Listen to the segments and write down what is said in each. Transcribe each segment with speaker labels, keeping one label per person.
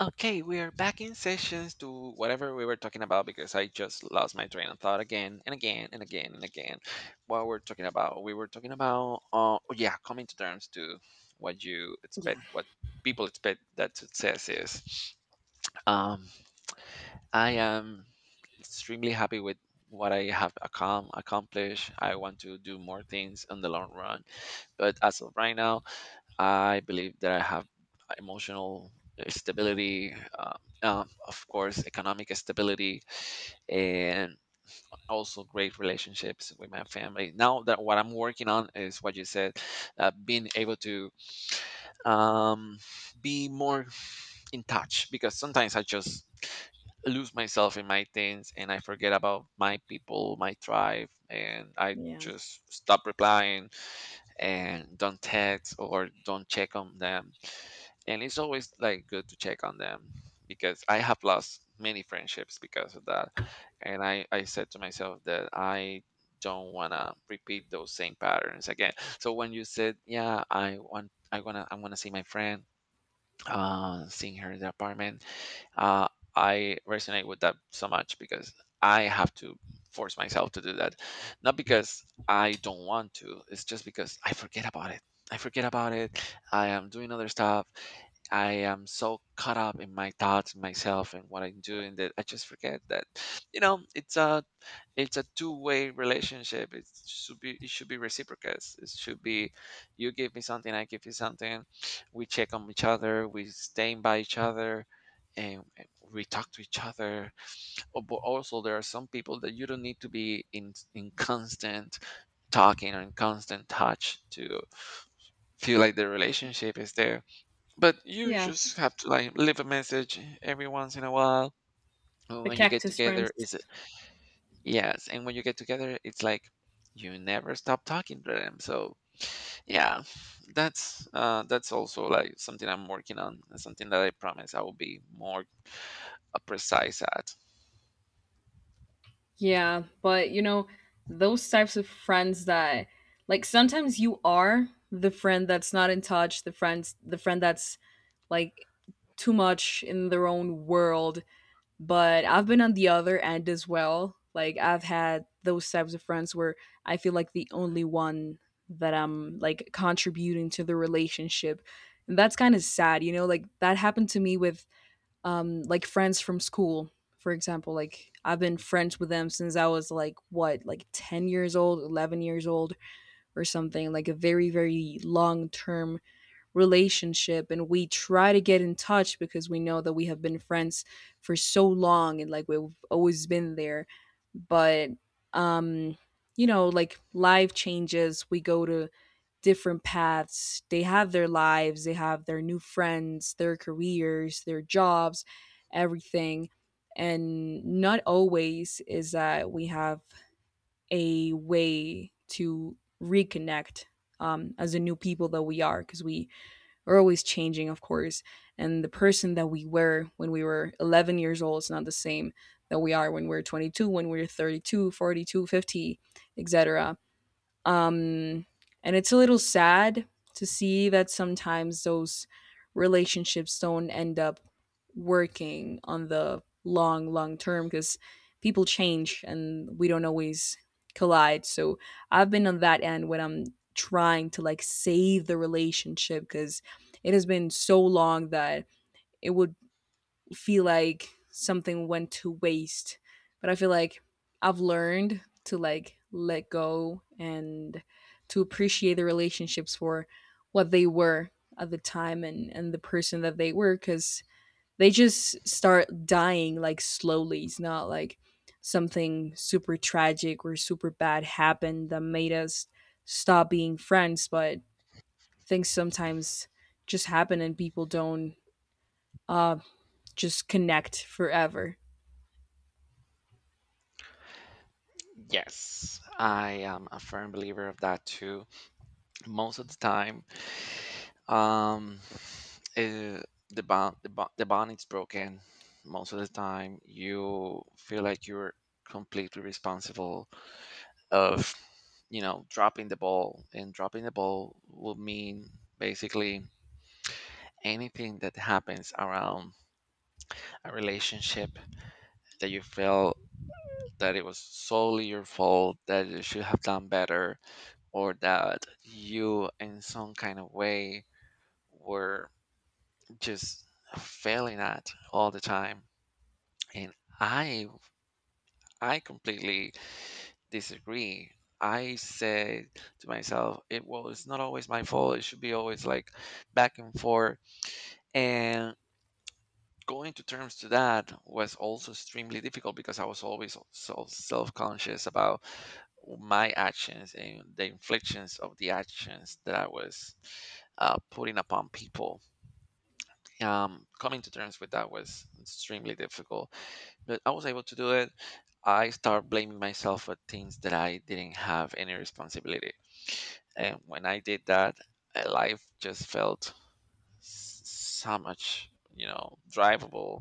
Speaker 1: Okay, we are back in sessions to whatever we were talking about because I just lost my train of thought again and again and again and again. What we're talking about? We were talking about, oh yeah, coming to terms to what you
Speaker 2: Yeah.
Speaker 1: expect, what people expect that success is. Um, I am extremely happy with what I have accomplished. I want to do more things in the long run, but as of right now, I believe that I have emotional stability, of course, economic stability, and also great relationships with my family. Now that what I'm working on is what you said, being able to um, be more in touch because sometimes I just lose myself in my things and I forget about my people, my tribe, and I
Speaker 2: Yeah.
Speaker 1: just stop replying and don't text or don't check on them, and it's always like good to check on them because I have lost many friendships because of that, and I said to myself that I don't want to repeat those same patterns again. So when you said, yeah, I want to see my friend, seeing her in the apartment. Uh, I resonate with that so much because I have to force myself to do that. Not because I don't want to, it's just because I forget about it. I forget about it. I am doing other stuff. I am so caught up in my thoughts, myself, and what I'm doing that I just forget that, you know, it's a it's a two-way relationship. It should be reciprocal. It should be you give me something, I give you something, we check on each other, we stand by each other, and we talk to each other. Oh, but also, there are some people that you don't need to be in constant talking or in constant touch to feel like the relationship is there. But you
Speaker 2: Yeah.
Speaker 1: just have to like leave a message every once in a while. And
Speaker 2: The
Speaker 1: when you get
Speaker 2: cactus
Speaker 1: together,
Speaker 2: friends.
Speaker 1: is yes, and when you get together, it's like you never stop talking to them. So yeah, that's also like something I'm working on and something that I promise I will be more precise at.
Speaker 2: Yeah. But, you know, those types of friends that, like, sometimes you are the friend that's not in touch, the friend that's, like, too much in their own world. But I've been on the other end as well. Like, I've had those types of friends where I feel like the only one that I'm, like, contributing to the relationship. And that's kind of sad, like, that happened to me with like friends from school, for example, like I've been friends with them since I was, like, what, like, 10 years old, 11 years old, or something, like a very, very long term relationship. And we try to get in touch because we know that we have been friends for so long and, like, we've always been there. But um like life changes, we go to different paths. They have their lives, they have their new friends, their careers, their jobs, everything. And not always is that we have a way to reconnect, as the new people that we are, because we are always changing, of course. And the person that we were when we were 11 years old is not the same that we are when we're 22, when we're 32, 42, 50, etc. Um, and it's a little sad to see that sometimes those relationships don't end up working on the long, long term, because people change and we don't always collide. So I've been on that end when I'm trying to, like, save the relationship because it has been so long that it would feel like something went to waste. But I feel like I've learned to, like, let go, and to appreciate the relationships for what they were at the time, and the person that they were, because they just start dying, like, slowly. It's not like something super tragic or super bad happened that made us stop being friends, but things sometimes just happen and people don't uh just connect forever.
Speaker 1: Yes, I am a firm believer of that too. Most of the time, um uh, the bond is broken. Most of the time you feel like you're completely responsible of, you know, dropping the ball, and dropping the ball will mean basically anything that happens around a relationship that you feel that it was solely your fault, that you should have done better, or that you in some kind of way were just failing at all the time. And i I completely disagree. I said to myself, it well, it's not always my fault. It should be always like back and forth. And going to terms to that was also extremely difficult because I was always so self-conscious about my actions and the inflictions of the actions that I was putting upon people. Coming to terms with that was extremely difficult. But I was able to do it. I start blaming myself for things that I didn't have any responsibility. And when I did that, life just felt so much, you know, drivable.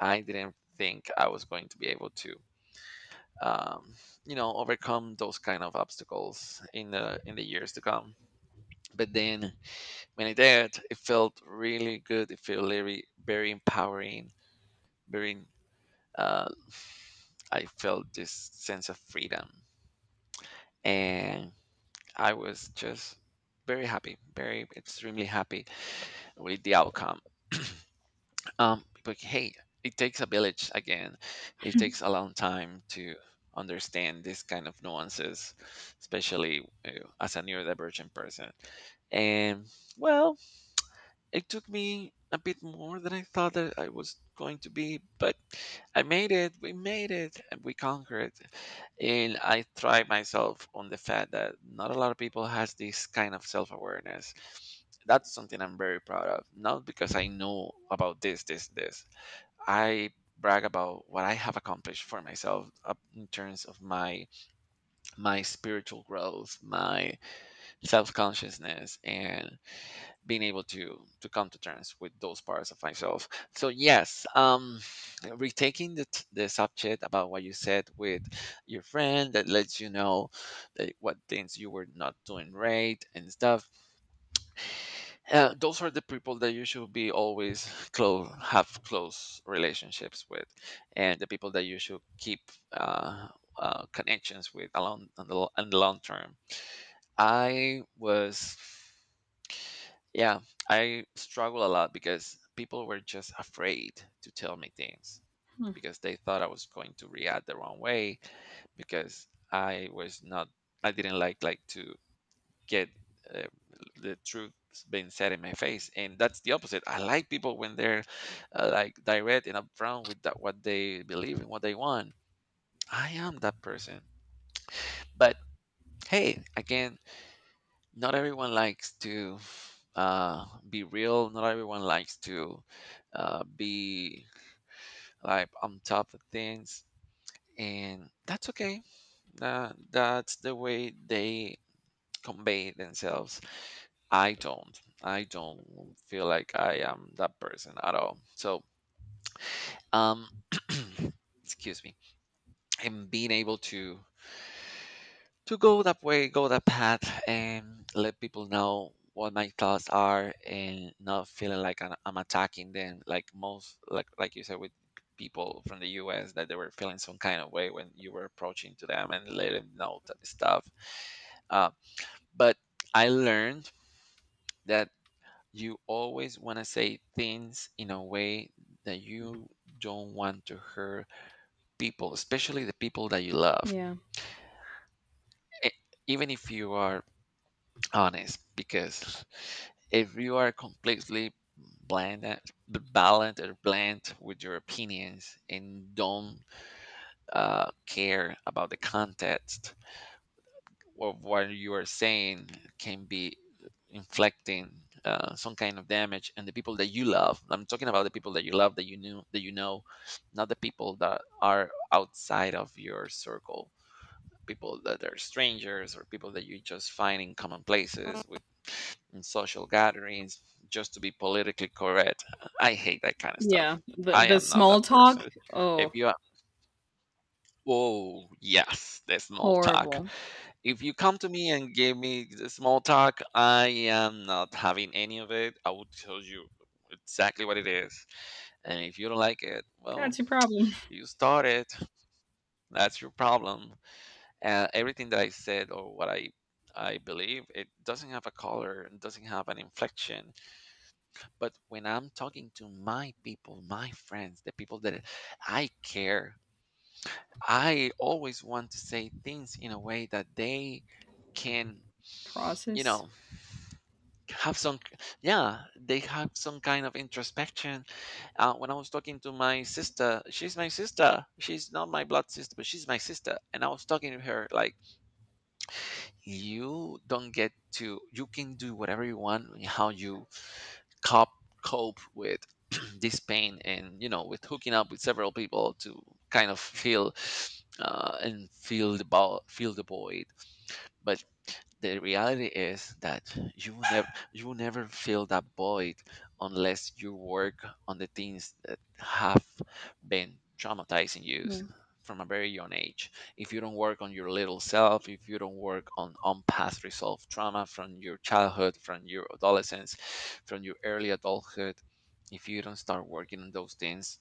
Speaker 1: I didn't think I was going to be able to, um, you know, overcome those kind of obstacles in the years to come. But then when I did, it felt really good. It felt very, very empowering, very, uh, I felt this sense of freedom. And I was just very happy, very extremely happy with the outcome. But hey, it takes a village again. It takes a long time to understand this kind of nuances, especially, uh, as a neurodivergent person. And well, it took me a bit more than I thought that I was going to be, but I made it. We made it, and we conquered. And I pride myself on the fact that not a lot of people has this kind of self awareness. That's something I'm very proud of. Not because I know about this, this, this. I brag about what I have accomplished for myself up in terms of my spiritual growth, my self consciousness, and being able to come to terms with those parts of myself. So yes, retaking the subject about what you said with your friend that lets you know that what things you were not doing right and stuff, those are the people that you should be always close, have close relationships with, and the people that you should keep uh, connections with along on the long term. I was Yeah, I struggle a lot because people were just afraid to tell me things
Speaker 2: Hmm,
Speaker 1: because they thought I was going to react the wrong way because I was not, I didn't like to get, uh, the truth being said in my face, and that's the opposite. I like people when they're, like, direct and upfront with that, what they believe and what they want. I am that person. But hey, again, not everyone likes to, be real. Not everyone likes to, be like on top of things, and that's okay. That's the way they convey themselves. I don't. I don't feel like I am that person at all. So, um, excuse me. And being able to go that way, go that path, and let people know what my thoughts are, and not feeling like I'm attacking them. Like like you said, with people from the U.S. that they were feeling some kind of way when you were approaching to them and let them know stuff. Uh, but I learned that you always want to say things in a way that you don't want to hurt people, especially the people that you love.
Speaker 2: yeah.
Speaker 1: E- Even if you are honest, because if you are completely bland balanced or bland with your opinions and don't, care about the context of what you are saying, can be inflicting, some kind of damage and the people that you love. I'm talking about the people that you love, that you knew that you know, not the people that are outside of your circle, people that are strangers or people that you just find in common places, in social gatherings, just to be politically correct. I hate that kind of
Speaker 2: Yeah,
Speaker 1: stuff.
Speaker 2: the
Speaker 1: I
Speaker 2: the
Speaker 1: am not that
Speaker 2: small talk?
Speaker 1: person. If
Speaker 2: Oh,
Speaker 1: you are, oh, yes, the small talk.
Speaker 2: horrible.
Speaker 1: If you come to me and give me the small talk, I am not having any of it. I will tell you exactly what it is. And if you don't like it, well,
Speaker 2: That's your problem.
Speaker 1: you start it. That's your problem. Everything that I said or what I believe, it doesn't have a color, it doesn't have an inflection. But when I'm talking to my people, my friends, the people that I care, I always want to say things in a way that they can, you
Speaker 2: Process?
Speaker 1: know, have some, yeah, they have some kind of introspection. When I was talking to my sister. She's not my blood sister, but she's my sister. And I was talking to her like, you don't get to, you can do whatever you want, how you cop cope with this pain, and, you know, with hooking up with several people to kind of feel, and feel the feel the void. But the reality is that you will never fill that void unless you work on the things that have been traumatizing you
Speaker 2: Yeah.
Speaker 1: from a very young age. If you don't work on your little self, if you don't work on past resolved trauma from your childhood, from your adolescence, from your early adulthood, if you don't start working on those things,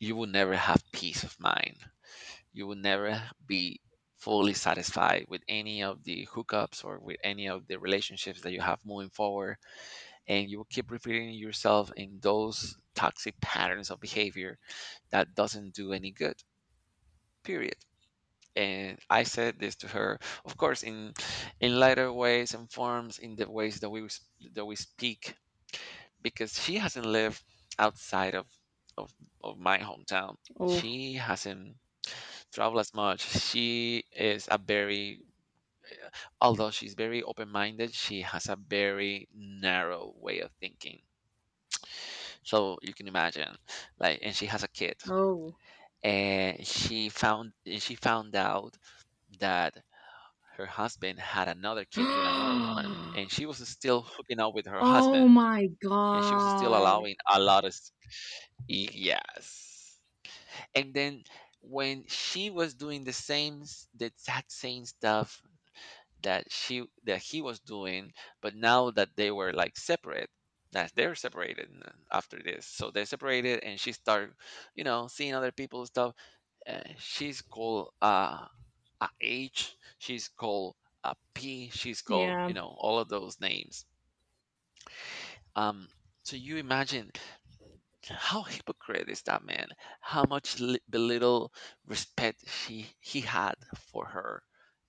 Speaker 1: you will never have peace of mind. You will never be fully satisfied with any of the hookups or with any of the relationships that you have moving forward, and you will keep repeating yourself in those toxic patterns of behavior that doesn't do any good. Period. And I said this to her, of course, in lighter ways and forms, in the ways that that we speak, because she hasn't lived outside of, of my hometown.
Speaker 2: Oh.
Speaker 1: She hasn't traveled as much. She is a very, although she's very open minded, she has a very narrow way of thinking. So you can imagine, and she has a kid,
Speaker 2: Oh.
Speaker 1: and she found out that her husband had another kid with another woman, and she was still hooking up with her
Speaker 2: Oh
Speaker 1: husband,
Speaker 2: my
Speaker 1: and she was still
Speaker 2: god.
Speaker 1: allowing a lot of yes. And then when she was doing the same the exact same stuff that she that he was doing, but now that they were separate, that they're separated n- after this so they're separated and she started, you know, seeing other people's stuff. She's called a H. She's called a P. She's called, you
Speaker 2: Yeah,
Speaker 1: know, all of those names. Um, so you imagine, how hypocrite is that man? How much belittle respect she he had for her,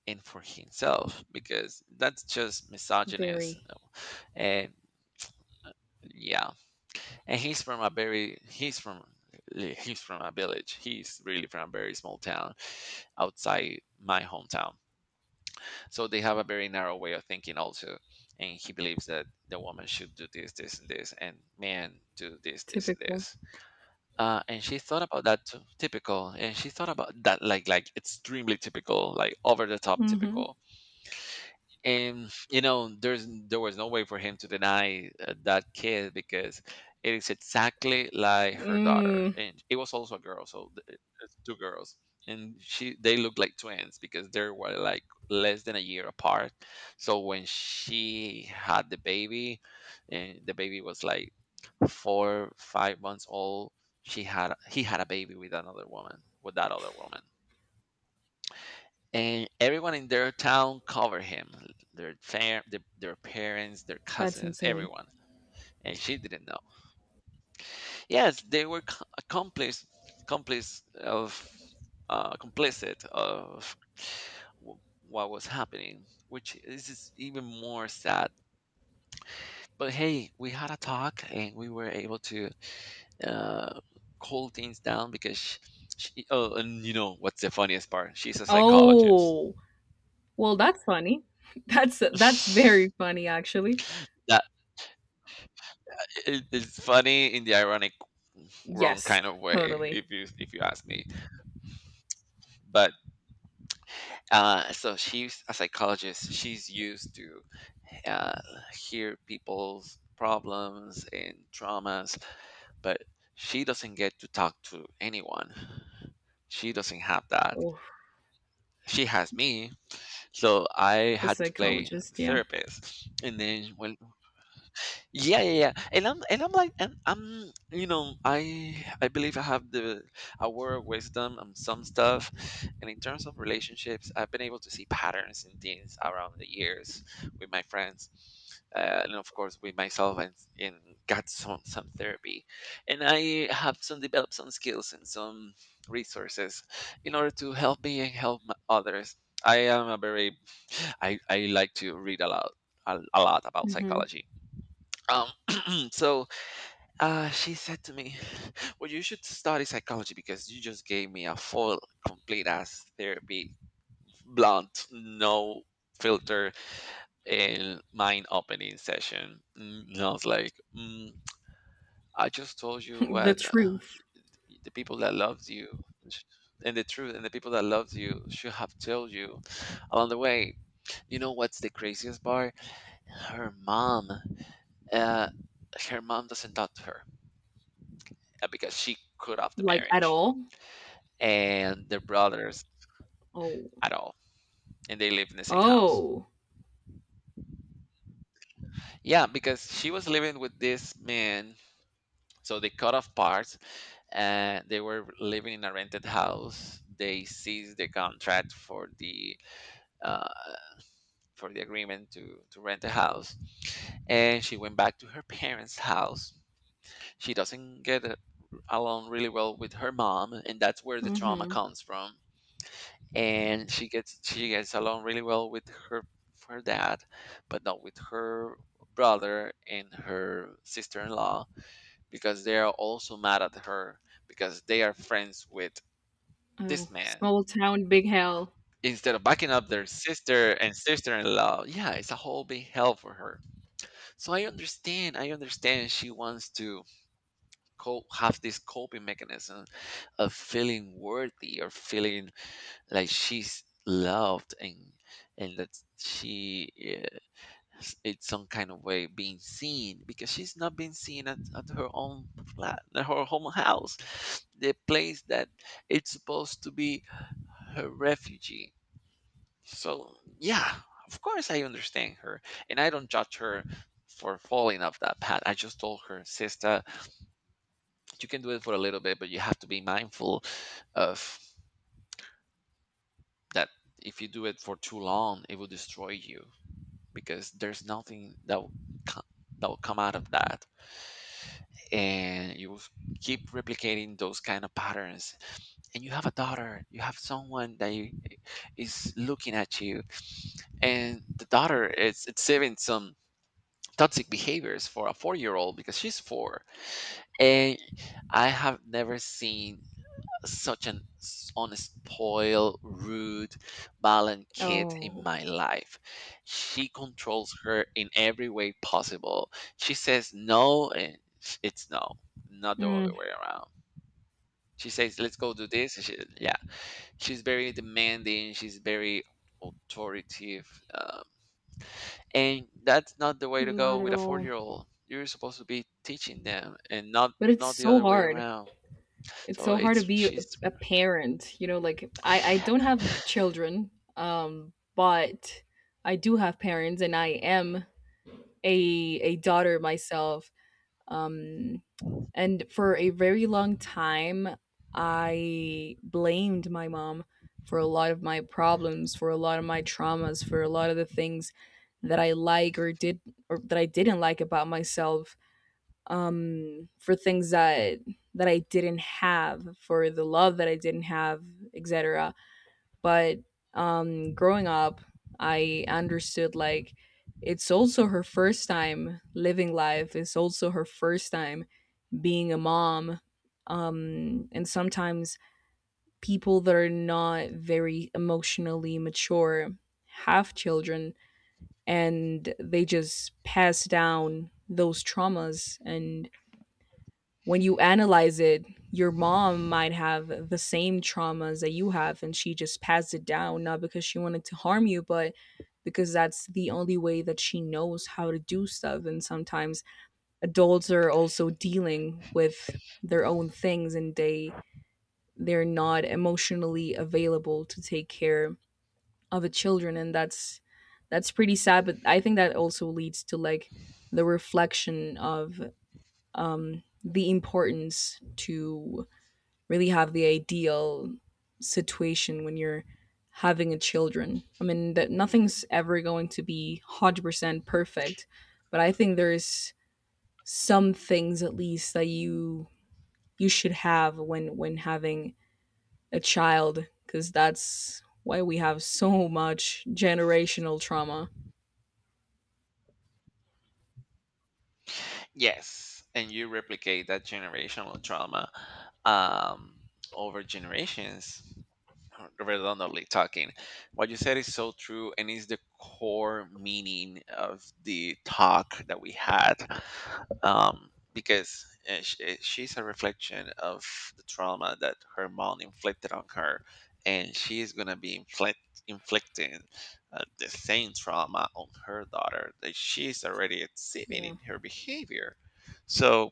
Speaker 1: and for himself, because that's just misogynist.
Speaker 2: very
Speaker 1: And yeah, and he's from a very he's from a village. He's really from a very small town outside my hometown, so they have a very narrow way of thinking also. And he believes that the woman should do this, this, and this, and man do this, this, and
Speaker 2: typical.
Speaker 1: this. And she thought about that too typical, and she thought about that like extremely typical, like over the
Speaker 2: Mm.
Speaker 1: top
Speaker 2: Mhm.
Speaker 1: typical. And, you know, there was no way for him to deny, that kid, because it is exactly like her daughter,
Speaker 2: Mm,
Speaker 1: and it was also a girl. It's two girls. And she they look like twins, because they were like less than a year apart. So when she had the baby, and the baby was like 4 5 months old, she had he had a baby with another woman, with that other woman. And everyone in their town covered him, their parents, their
Speaker 2: that's
Speaker 1: cousins,
Speaker 2: insane.
Speaker 1: everyone. And she didn't know. Yes, they were co- accomplice complice of complicit of w- what was happening, which is even more sad. But hey, we had a talk, and we were able to, uh, cool things down. Because she, oh, and you know what's the funniest part? She's a psychologist.
Speaker 2: Oh, well, that's funny. That's very funny actually.
Speaker 1: That. It's funny in the ironic wrong
Speaker 2: Yes,
Speaker 1: kind of way,
Speaker 2: totally.
Speaker 1: if you ask me. But so she's a psychologist. She's used to, uh, hear people's problems and traumas. But she doesn't get to talk to anyone. She doesn't have that.
Speaker 2: Oh,
Speaker 1: She has me. So I
Speaker 2: the
Speaker 1: had to play the
Speaker 2: psychologist, yeah.
Speaker 1: therapist, and then when — yeah, yeah, yeah. And I'm, you know, I believe I have the a word of wisdom on some stuff. And in terms of relationships, I've been able to see patterns in things around the years with my friends. And of course with myself, and got some therapy. And I have some developed some skills and some resources, in order to help me and help my others. I am a very — I like to read a lot, a lot about
Speaker 2: Mhm.
Speaker 1: psychology. Um, so, she said to me, well, you should study psychology, because you just gave me a full, complete ass therapy, blunt, no filter, and mind opening session. And I was like, I just told you
Speaker 2: The
Speaker 1: what,
Speaker 2: truth,
Speaker 1: the people that loves you sh- and the truth, and the people that loves you should have told you along the way. You know what's the craziest part? Her mom. Uh, Her mom doesn't talk to her, because she cut off the
Speaker 2: like at
Speaker 1: marriage,
Speaker 2: all.
Speaker 1: and their brothers,
Speaker 2: Oh.
Speaker 1: at all. And they live in the same house.
Speaker 2: Oh.
Speaker 1: Yeah, because she was living with this man. So they cut off parts. They were living in a rented house. They seized the contract for the, uh, for the agreement to rent a house, and she went back to her parents' house. She doesn't get along really well with her mom, and that's where the trauma
Speaker 2: Mhm.
Speaker 1: comes from. And she gets along really well with her, her dad, but not with her brother and her sister-in-law, because they are also mad at her, because they are friends with
Speaker 2: Oh,
Speaker 1: this man,
Speaker 2: small town, big hell.
Speaker 1: instead of backing up their sister and sister-in-law. Yeah, it's a whole big hell for her. So I understand she wants to cope, have this coping mechanism of feeling worthy, or feeling like she's loved, and that she is in some kind of way being seen, because she's not being seen at her own flat, at her home house, the place that it's supposed to be her refuge. So yeah, of course I understand her, and I don't judge her for falling off that path. I just told her sister, you can do it for a little bit, but you have to be mindful of that. If you do it for too long, it will destroy you, because there's nothing that will co- that will come out of that. And you will keep replicating those kind of patterns. And you have a daughter, you have someone that you, is looking at you, and the daughter is exhibiting some toxic behaviors for a 4-year old, because she's 4. And I have never seen such an unspoiled, rude, violent kid in
Speaker 2: Oh.
Speaker 1: my life. She controls her in every way possible. She says no, and it's no, not the
Speaker 2: Mm,
Speaker 1: other way around. She says, "Let's go do this." And yeah, she's very demanding. She's very authoritative, and that's not the way to go
Speaker 2: not at
Speaker 1: with a
Speaker 2: all.
Speaker 1: four-year-old. You're supposed to be teaching them, and
Speaker 2: But it's
Speaker 1: not the
Speaker 2: so
Speaker 1: other way
Speaker 2: hard.
Speaker 1: around.
Speaker 2: It's
Speaker 1: So
Speaker 2: so hard to
Speaker 1: it's
Speaker 2: be a
Speaker 1: she's
Speaker 2: a parent, you know, like I don't have children, but I do have parents, and I am a a daughter myself. Um And for a very long time, I blamed my mom for a lot of my problems, for a lot of my traumas, for a lot of the things that I like or did or that I didn't like about myself, for things that I didn't have, for the love that I didn't have, et cetera. But, growing up, I understood, like, it's also her first time living life. It's also her first time being a mom, and sometimes people that are not very emotionally mature have children, and they just pass down those traumas. And when you analyze it, your mom might have the same traumas that you have, and she just passed it down, not because she wanted to harm you, but because that's the only way that she knows how to do stuff. And sometimes adults are also dealing with their own things, and they're not emotionally available to take care of the children, and that's pretty sad. But I think that also leads to, like, the reflection of the importance to really have the ideal situation when you're having a children. I mean, that nothing's ever going to be 100% perfect, but I think there's some things at least that you should have when having a child, because that's why we have so much generational trauma.
Speaker 1: Yes, and you replicate that generational trauma, um, over generations, redundantly talking. What you said is so true, and is the core meaning of the talk that we had, because, she's a reflection of the trauma that her mom inflicted on her. And she is going to be inflicting, the same trauma on her daughter, that she's already exhibiting
Speaker 2: Yeah.
Speaker 1: in her behavior. So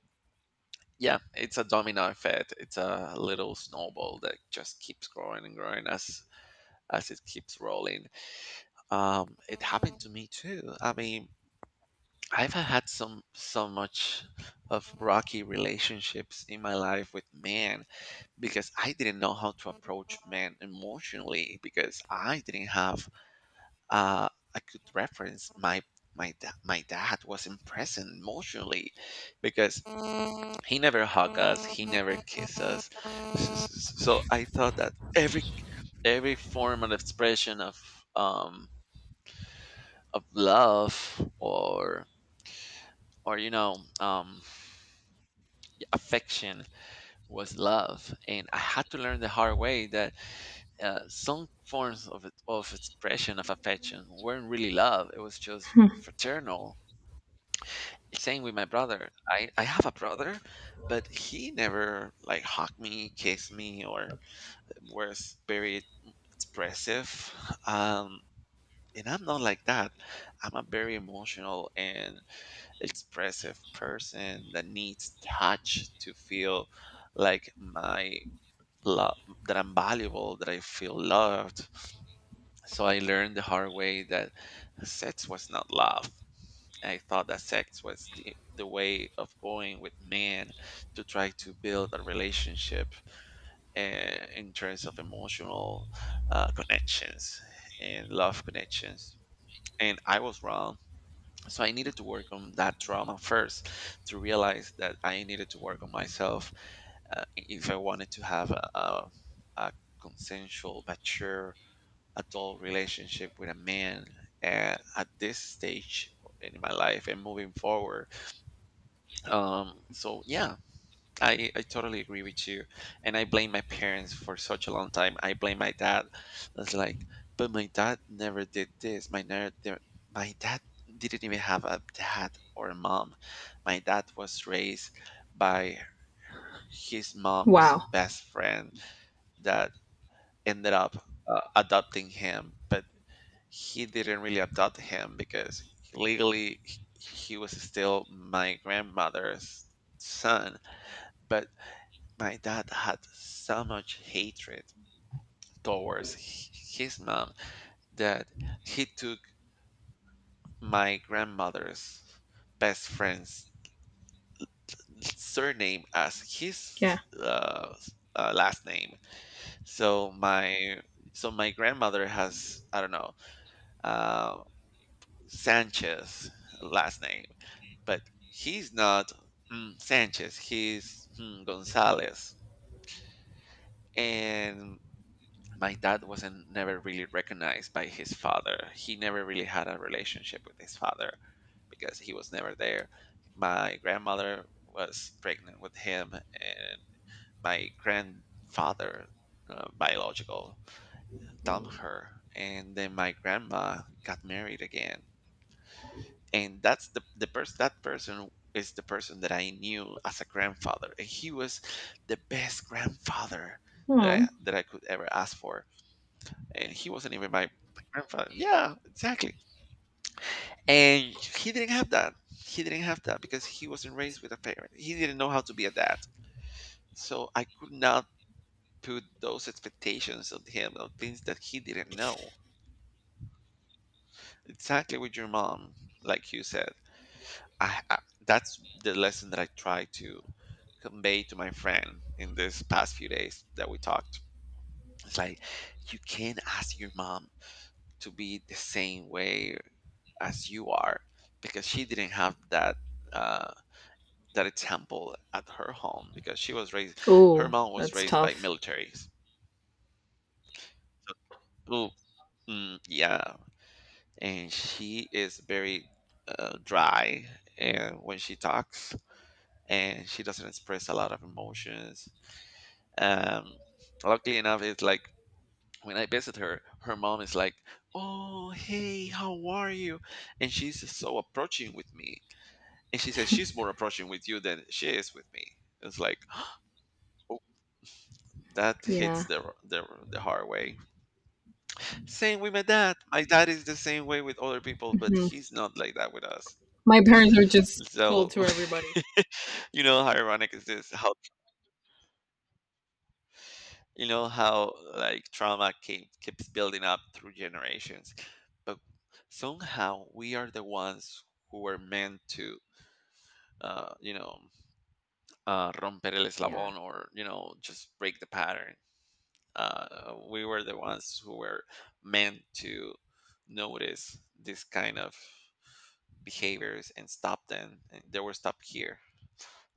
Speaker 1: yeah, it's a domino effect. It's a little snowball that just keeps growing and growing, as it keeps rolling. It happened to me too. I mean, I've had some so much of rocky relationships in my life with men, because I didn't know how to approach men emotionally, because I didn't have, uh, a good reference. My dad wasn't present emotionally, because he never hugged us, he never kissed us. So I thought that every form of expression of, um, of love, or or, you know, affection, was love. And I had to learn the hard way that, some forms of expression of affection weren't really love. It was just fraternal. Same with my brother. I have a brother, but he never like hugged me, kissed me, or was very expressive. um and I'm not like that. I'm a very emotional and expressive person that needs touch to feel like my love, that I'm valuable, that I feel loved. So I learned the hard way that sex was not love. I thought that sex was the way of going with men, to try to build a relationship, in terms of emotional, connections and love connections. And I was wrong. So I needed to work on that trauma first, to realize that I needed to work on myself, if I wanted to have a consensual mature adult relationship with a man, at this stage in my life and moving forward. So yeah, I totally agree with you. And I blame my parents for such a long time. I blame my dad. It's like, but my dad never did this. My dad didn't even have a dad or a mom. My dad was raised by his mom's
Speaker 2: Wow.
Speaker 1: best friend, that ended up, adopting him. But he didn't really adopt him, because legally he was still my grandmother's son. But my dad had so much hatred towards his mom, that he took my grandmother's best friend's surname as his,
Speaker 2: Yeah.
Speaker 1: last name. So my grandmother has, I don't know, uh, Sanchez last name. But he's not, Sanchez. He's, Gonzalez. And my dad wasn't never really recognized by his father. He never really had a relationship with his father, because he was never there. My grandmother was pregnant with him, and my grandfather, biological, dumped her. And then my grandma got married again. And that's the person is the person that I knew as a grandfather. And he was the best grandfather that
Speaker 2: Oh,
Speaker 1: I could ever ask for. And he wasn't even my, my grandfather. Yeah, exactly. And he didn't have that. He didn't have that because he wasn't raised with a parent. He didn't know how to be a dad. So I could not put those expectations on him, on things that he didn't know. Exactly with your mom, like you said. I That's the lesson that I try to convey to my friend in this past few days that we talked. It's like you can't ask your mom to be the same way as you are because she didn't have that uh, that example at her home because she was raised. Her
Speaker 2: Oh,
Speaker 1: mom was
Speaker 2: that's
Speaker 1: raised by
Speaker 2: tough.
Speaker 1: militaries, so, ooh, mm, yeah, and she is very dry and when she talks, and she doesn't express a lot of emotions. um, Luckily enough, it's like when I visit her, her mom is like, "Oh, hey, how are you?" And she's so approaching with me, and she says she's more approaching with you than she is with me. It's like, oh, that hits
Speaker 2: Yeah.
Speaker 1: the the hard way. Same with my dad. My dad is the same way with other people, but
Speaker 2: Hmm.
Speaker 1: he's not like that with us.
Speaker 2: My parents are just cold
Speaker 1: So
Speaker 2: to everybody.
Speaker 1: you know how ironic is this? How you know how like trauma keeps building up through generations, but somehow we are the ones who were meant to, uh, you know, romper el
Speaker 2: Yeah.
Speaker 1: eslabón, or you know, just break the pattern. We were the ones who were meant to notice this kind of behaviors and stop them, and they were stopped here.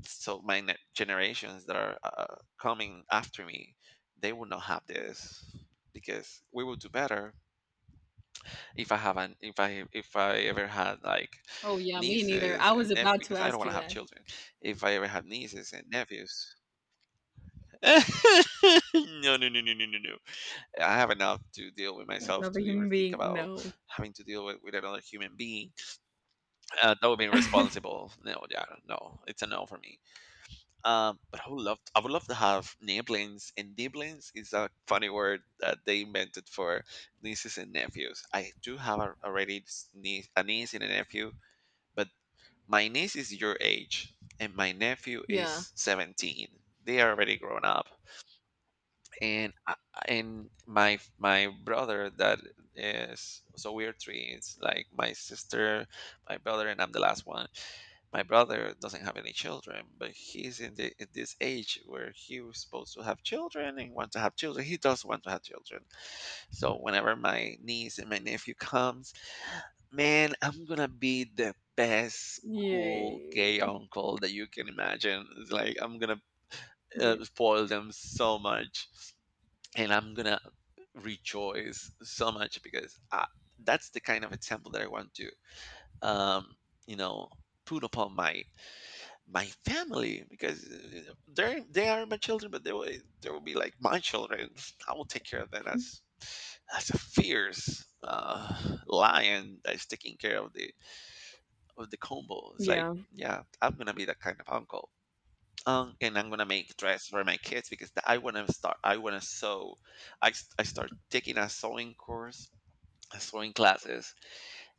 Speaker 1: So my generations that are coming after me, they will not have this because we will do better. If I ever had like
Speaker 2: Oh yeah, me neither.
Speaker 1: nieces
Speaker 2: I
Speaker 1: and
Speaker 2: was
Speaker 1: nephews,
Speaker 2: about to
Speaker 1: because I don't
Speaker 2: ask
Speaker 1: want
Speaker 2: you
Speaker 1: to have
Speaker 2: that.
Speaker 1: children, if I ever have nieces and nephews, no, no, no, no, no, no, no. I have enough to deal with myself
Speaker 2: Another
Speaker 1: to even
Speaker 2: human
Speaker 1: think
Speaker 2: being?
Speaker 1: about
Speaker 2: No.
Speaker 1: having to deal with another human being. That would be irresponsible. No, yeah, no, it's a no for me. But I would love to have niblings, and niblings is a funny word that they invented for nieces and nephews. I do have a, already niece, a niece and a nephew, but my niece is your age, and my nephew
Speaker 2: Yeah.
Speaker 1: is 17. They are already grown up. and I, and my brother that is, so we are three. It's like my sister, my brother, and I'm the last one. My brother doesn't have any children, but he's in the in this age where he was supposed to have children and want to have children. He does want to have children. So whenever my niece and my nephew comes, man, I'm gonna be the best cool gay
Speaker 2: Yay.
Speaker 1: uncle that you can imagine. It's like I'm gonna
Speaker 2: Yeah.
Speaker 1: spoil them so much, and I'm gonna rejoice so much because that's the kind of example that I want to, um, you know, put upon my my family because they are my children, but they will be like my children. I will take care of them as a fierce lion that's taking care of the combo. It's like,
Speaker 2: Yeah.
Speaker 1: yeah, I'm gonna be that kind of uncle. And I'm gonna make dress for my kids because I wanna start. I wanna sew. I start taking a sewing course, a sewing classes,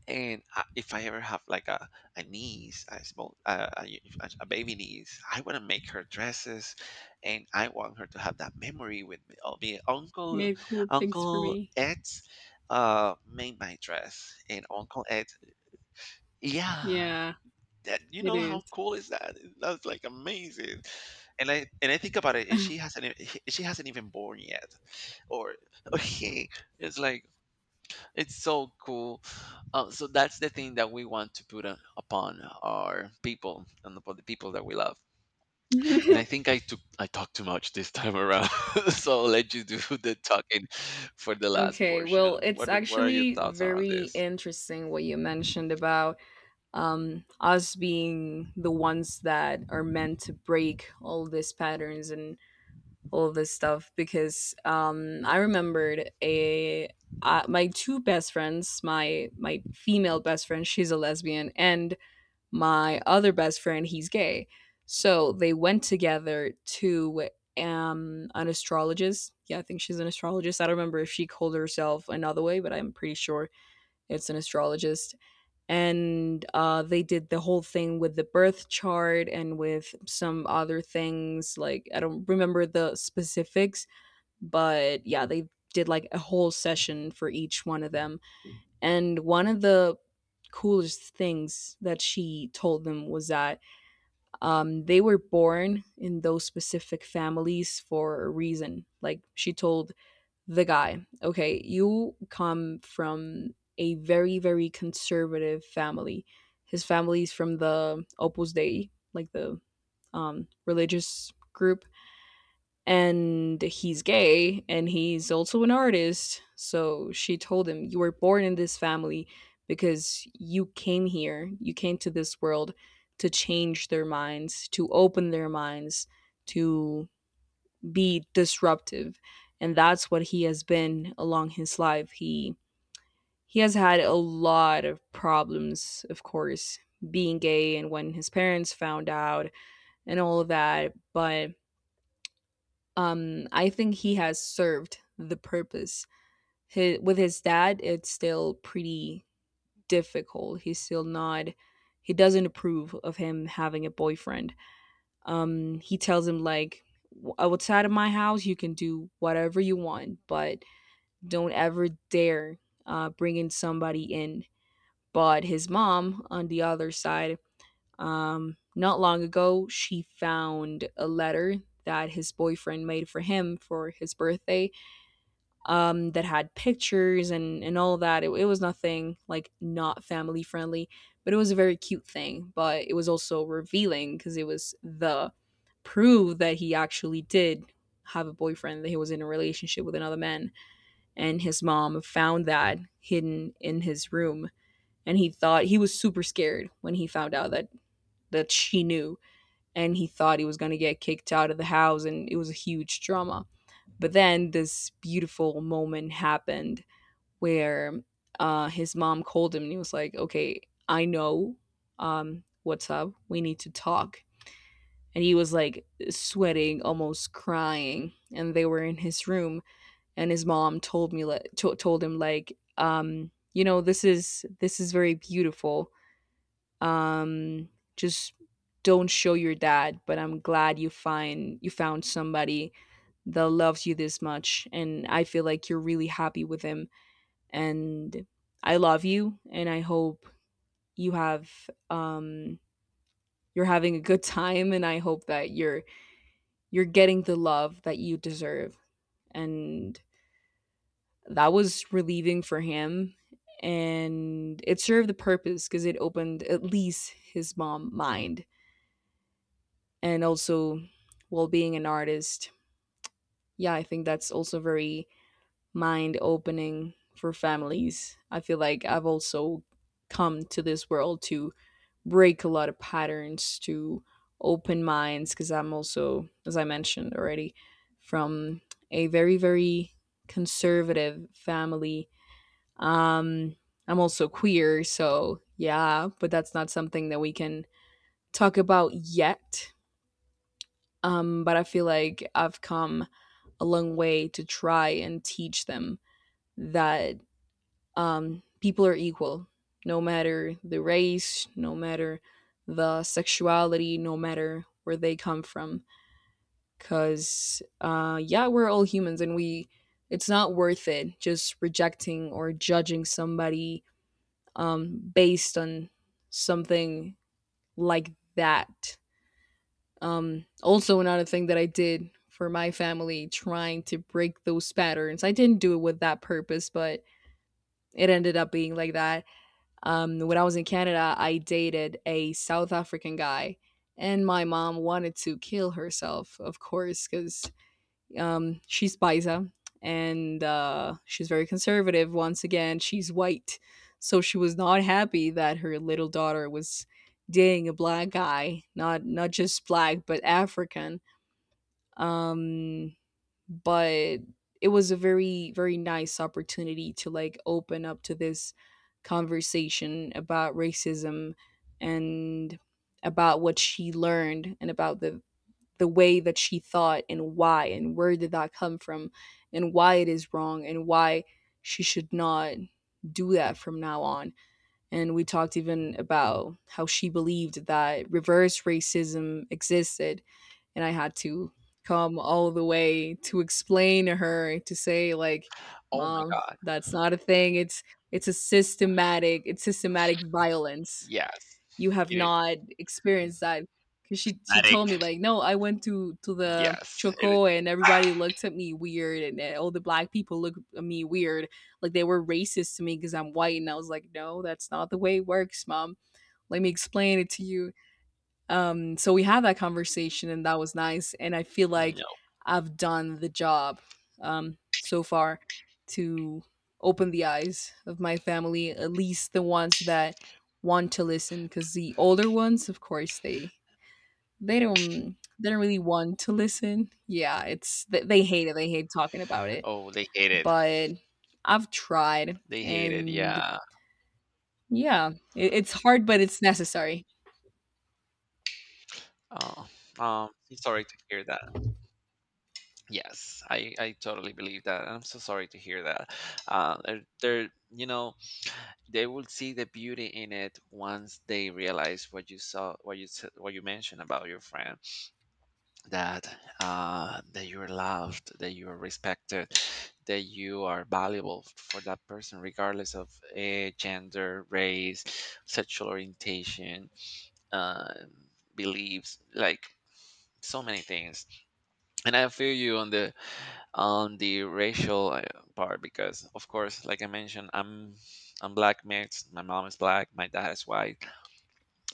Speaker 1: and if I ever have like a niece, a small a, y- a a baby niece, I wanna make her dresses, and I want her to have that memory with me. Oh, me uncle,
Speaker 2: Made cool things for
Speaker 1: Uncle
Speaker 2: me.
Speaker 1: Ed made my dress, and Uncle Ed, yeah,
Speaker 2: Yeah.
Speaker 1: that, you
Speaker 2: It
Speaker 1: know how cool is that? That's like amazing. And I think about it, and she hasn't she hasn't even born yet, or or he. It's like it's so cool. So that's the thing that we want to put on, upon our people and upon the people that we love.
Speaker 2: is.
Speaker 1: And I think I talked too much this time around, so I'll let you do the talking for the last
Speaker 2: Okay, well,
Speaker 1: portion.
Speaker 2: it's
Speaker 1: What are your
Speaker 2: actually
Speaker 1: thoughts around
Speaker 2: very
Speaker 1: this?
Speaker 2: interesting what you mentioned about, us being the ones that are meant to break all these patterns and all this stuff. Because, I remembered a my two best friends, my female best friend, she's a lesbian, and my other best friend, he's gay. So they went together to an astrologist. Yeah, I think she's an astrologist. I don't remember if she called herself another way, but I'm pretty sure it's an astrologist. And they did the whole thing with the birth chart and with some other things. Like, I don't remember the specifics, but yeah, they did, like, a whole session for each one of them. And one of the coolest things that she told them was that, they were born in those specific families for a reason. Like, she told the guy, okay, you come from a very, very conservative family. His family's from the Opus Dei, like the religious group, and he's gay and he's also an artist. So she told him, "You were born in this family because you came here, you came to this world to change their minds, to open their minds, to be disruptive." And that's what he has been along his life. He has had a lot of problems, of course, being gay, and when his parents found out and all of that, but, I think he has served the purpose. With his dad it's still pretty difficult. He's still not he doesn't approve of him having a boyfriend. He tells him, like, outside of my house you can do whatever you want, but don't ever dare bring in somebody in. But his mom on the other side, not long ago, she found a letter that his boyfriend made for him for his birthday, that had pictures and all of that. It was nothing like not family friendly, but it was a very cute thing. But it was also revealing because it was the proof that he actually did have a boyfriend, that he was in a relationship with another man, and his mom found that hidden in his room. And he thought he was super scared when he found out that she knew, and he thought he was going to get kicked out of the house, and it was a huge drama. But then this beautiful moment happened where, his mom called him, and he was like, "Okay, I know, what's up. We need to talk." And he was like sweating, almost crying. And they were in his room, and his mom told me, like, told him, like, "You know, this is very beautiful. Um, just don't show your dad, but I'm glad you find you found somebody that loves you this much, and I feel like you're really happy with him." And I love you, and I hope you have um you're having a good time, and I hope that you're getting the love that you deserve. And that was relieving for him, and it served the purpose, because it opened at least his mom mind, and also while being an artist. Yeah, I think that's also very mind opening for families. I feel like I've also come to this world to break a lot of patterns, to open minds, because I'm also, as I mentioned already, from a very, very conservative family. Um, I'm also queer, so yeah, but that's not something that we can talk about yet. But I feel like I've come a long way to try and teach them that, people are equal, no matter the race, no matter the sexuality, no matter where they come from. Because, yeah, we're all humans, and we, it's not worth it just rejecting or judging somebody, based on something like that. Also, another thing that I did for my family, trying to break those patterns, I didn't do it with that purpose, but it ended up being like that. When I was in Canada, I dated a South African guy, and my mom wanted to kill herself, of course, because, she's Baisa, and, she's very conservative. Once again, she's white, so she was not happy that her little daughter was dating a black guy, not just black but African. Um, but it was a very, very nice opportunity to, like, open up to this conversation about racism, and about what she learned, and about the way that she thought, and why, and where did that come from, and why it is wrong, and why she should not do that from now on, and we talked even about how she believed that reverse racism existed. And I had to come all the way to explain to her, to say, like,
Speaker 1: Oh my
Speaker 2: mom,
Speaker 1: God!
Speaker 2: that's not a thing. It's a systematic, it's systematic violence.
Speaker 1: Yes,
Speaker 2: You have
Speaker 1: it
Speaker 2: not experienced
Speaker 1: is.
Speaker 2: that, because she
Speaker 1: Dramatic.
Speaker 2: told me, like, no, I went to the
Speaker 1: Yes, it.
Speaker 2: choco, and everybody looked at me weird, and, all the black people looked at me weird, like they were racist to me because I'm white, and I was like, no, that's not the way it works, mom, let me explain it to you. So we had that conversation, and that was nice. And I feel like
Speaker 1: No.
Speaker 2: I've done the job, so far, to open the eyes of my family, at least the ones that want to listen. Because the older ones, of course, they don't really want to listen. Yeah, it's they hate it, they hate talking about it.
Speaker 1: Oh, they hate it.
Speaker 2: But I've tried,
Speaker 1: They hate it.
Speaker 2: and
Speaker 1: Yeah.
Speaker 2: yeah, it's hard, but it's necessary.
Speaker 1: Oh, I'm sorry to hear that. Yes, I totally believe that. I'm so sorry to hear that. They're, you know, they will see the beauty in it once they realize what you saw, what you said, what you mentioned about your friend, that that you are loved, that you are respected, that you are valuable for that person, regardless of gender, race, sexual orientation, uh, beliefs, like so many things. And I feel you on the racial part because, of course, like I mentioned, I'm black mixed. My mom is black. My dad is white.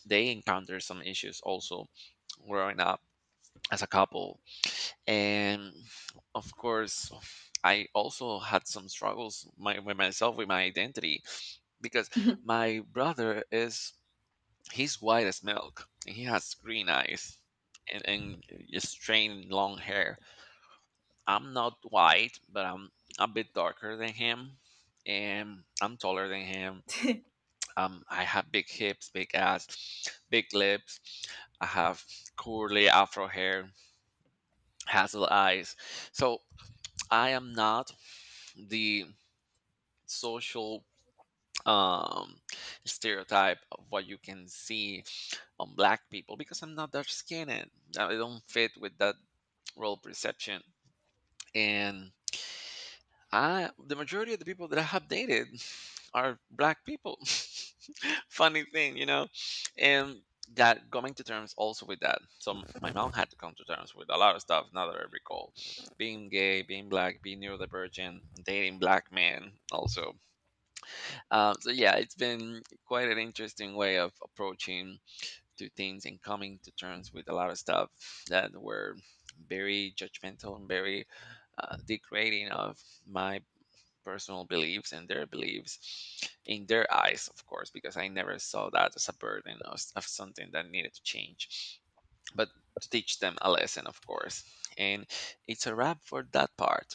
Speaker 1: They encounter some issues also growing up as a couple, and of course. I also had some struggles with myself with my identity because my brother is, he's white as milk, and he has green eyes and strange long hair. I'm not white, but I'm a bit darker than him, and I'm taller than him. I have big hips, big ass, big lips. I have curly afro hair, hazel eyes. So I am not the social um stereotype of what you can see on black people because I'm not dark skinned. I don't fit with that role perception, and I, the majority of the people that I have dated are black people. Funny thing, you know, and that, coming to terms also with that, so my mom had to come to terms with a lot of stuff now that I recall. Being gay, being black, being neurodivergent, dating black men also, so yeah, it's been quite an interesting way of approaching to things and coming to terms with a lot of stuff that were very judgmental and very degrading of my personal beliefs and their beliefs in their eyes, of course, because I never saw that as a burden of something that needed to change, but to teach them a lesson, of course. And it's a wrap for that part.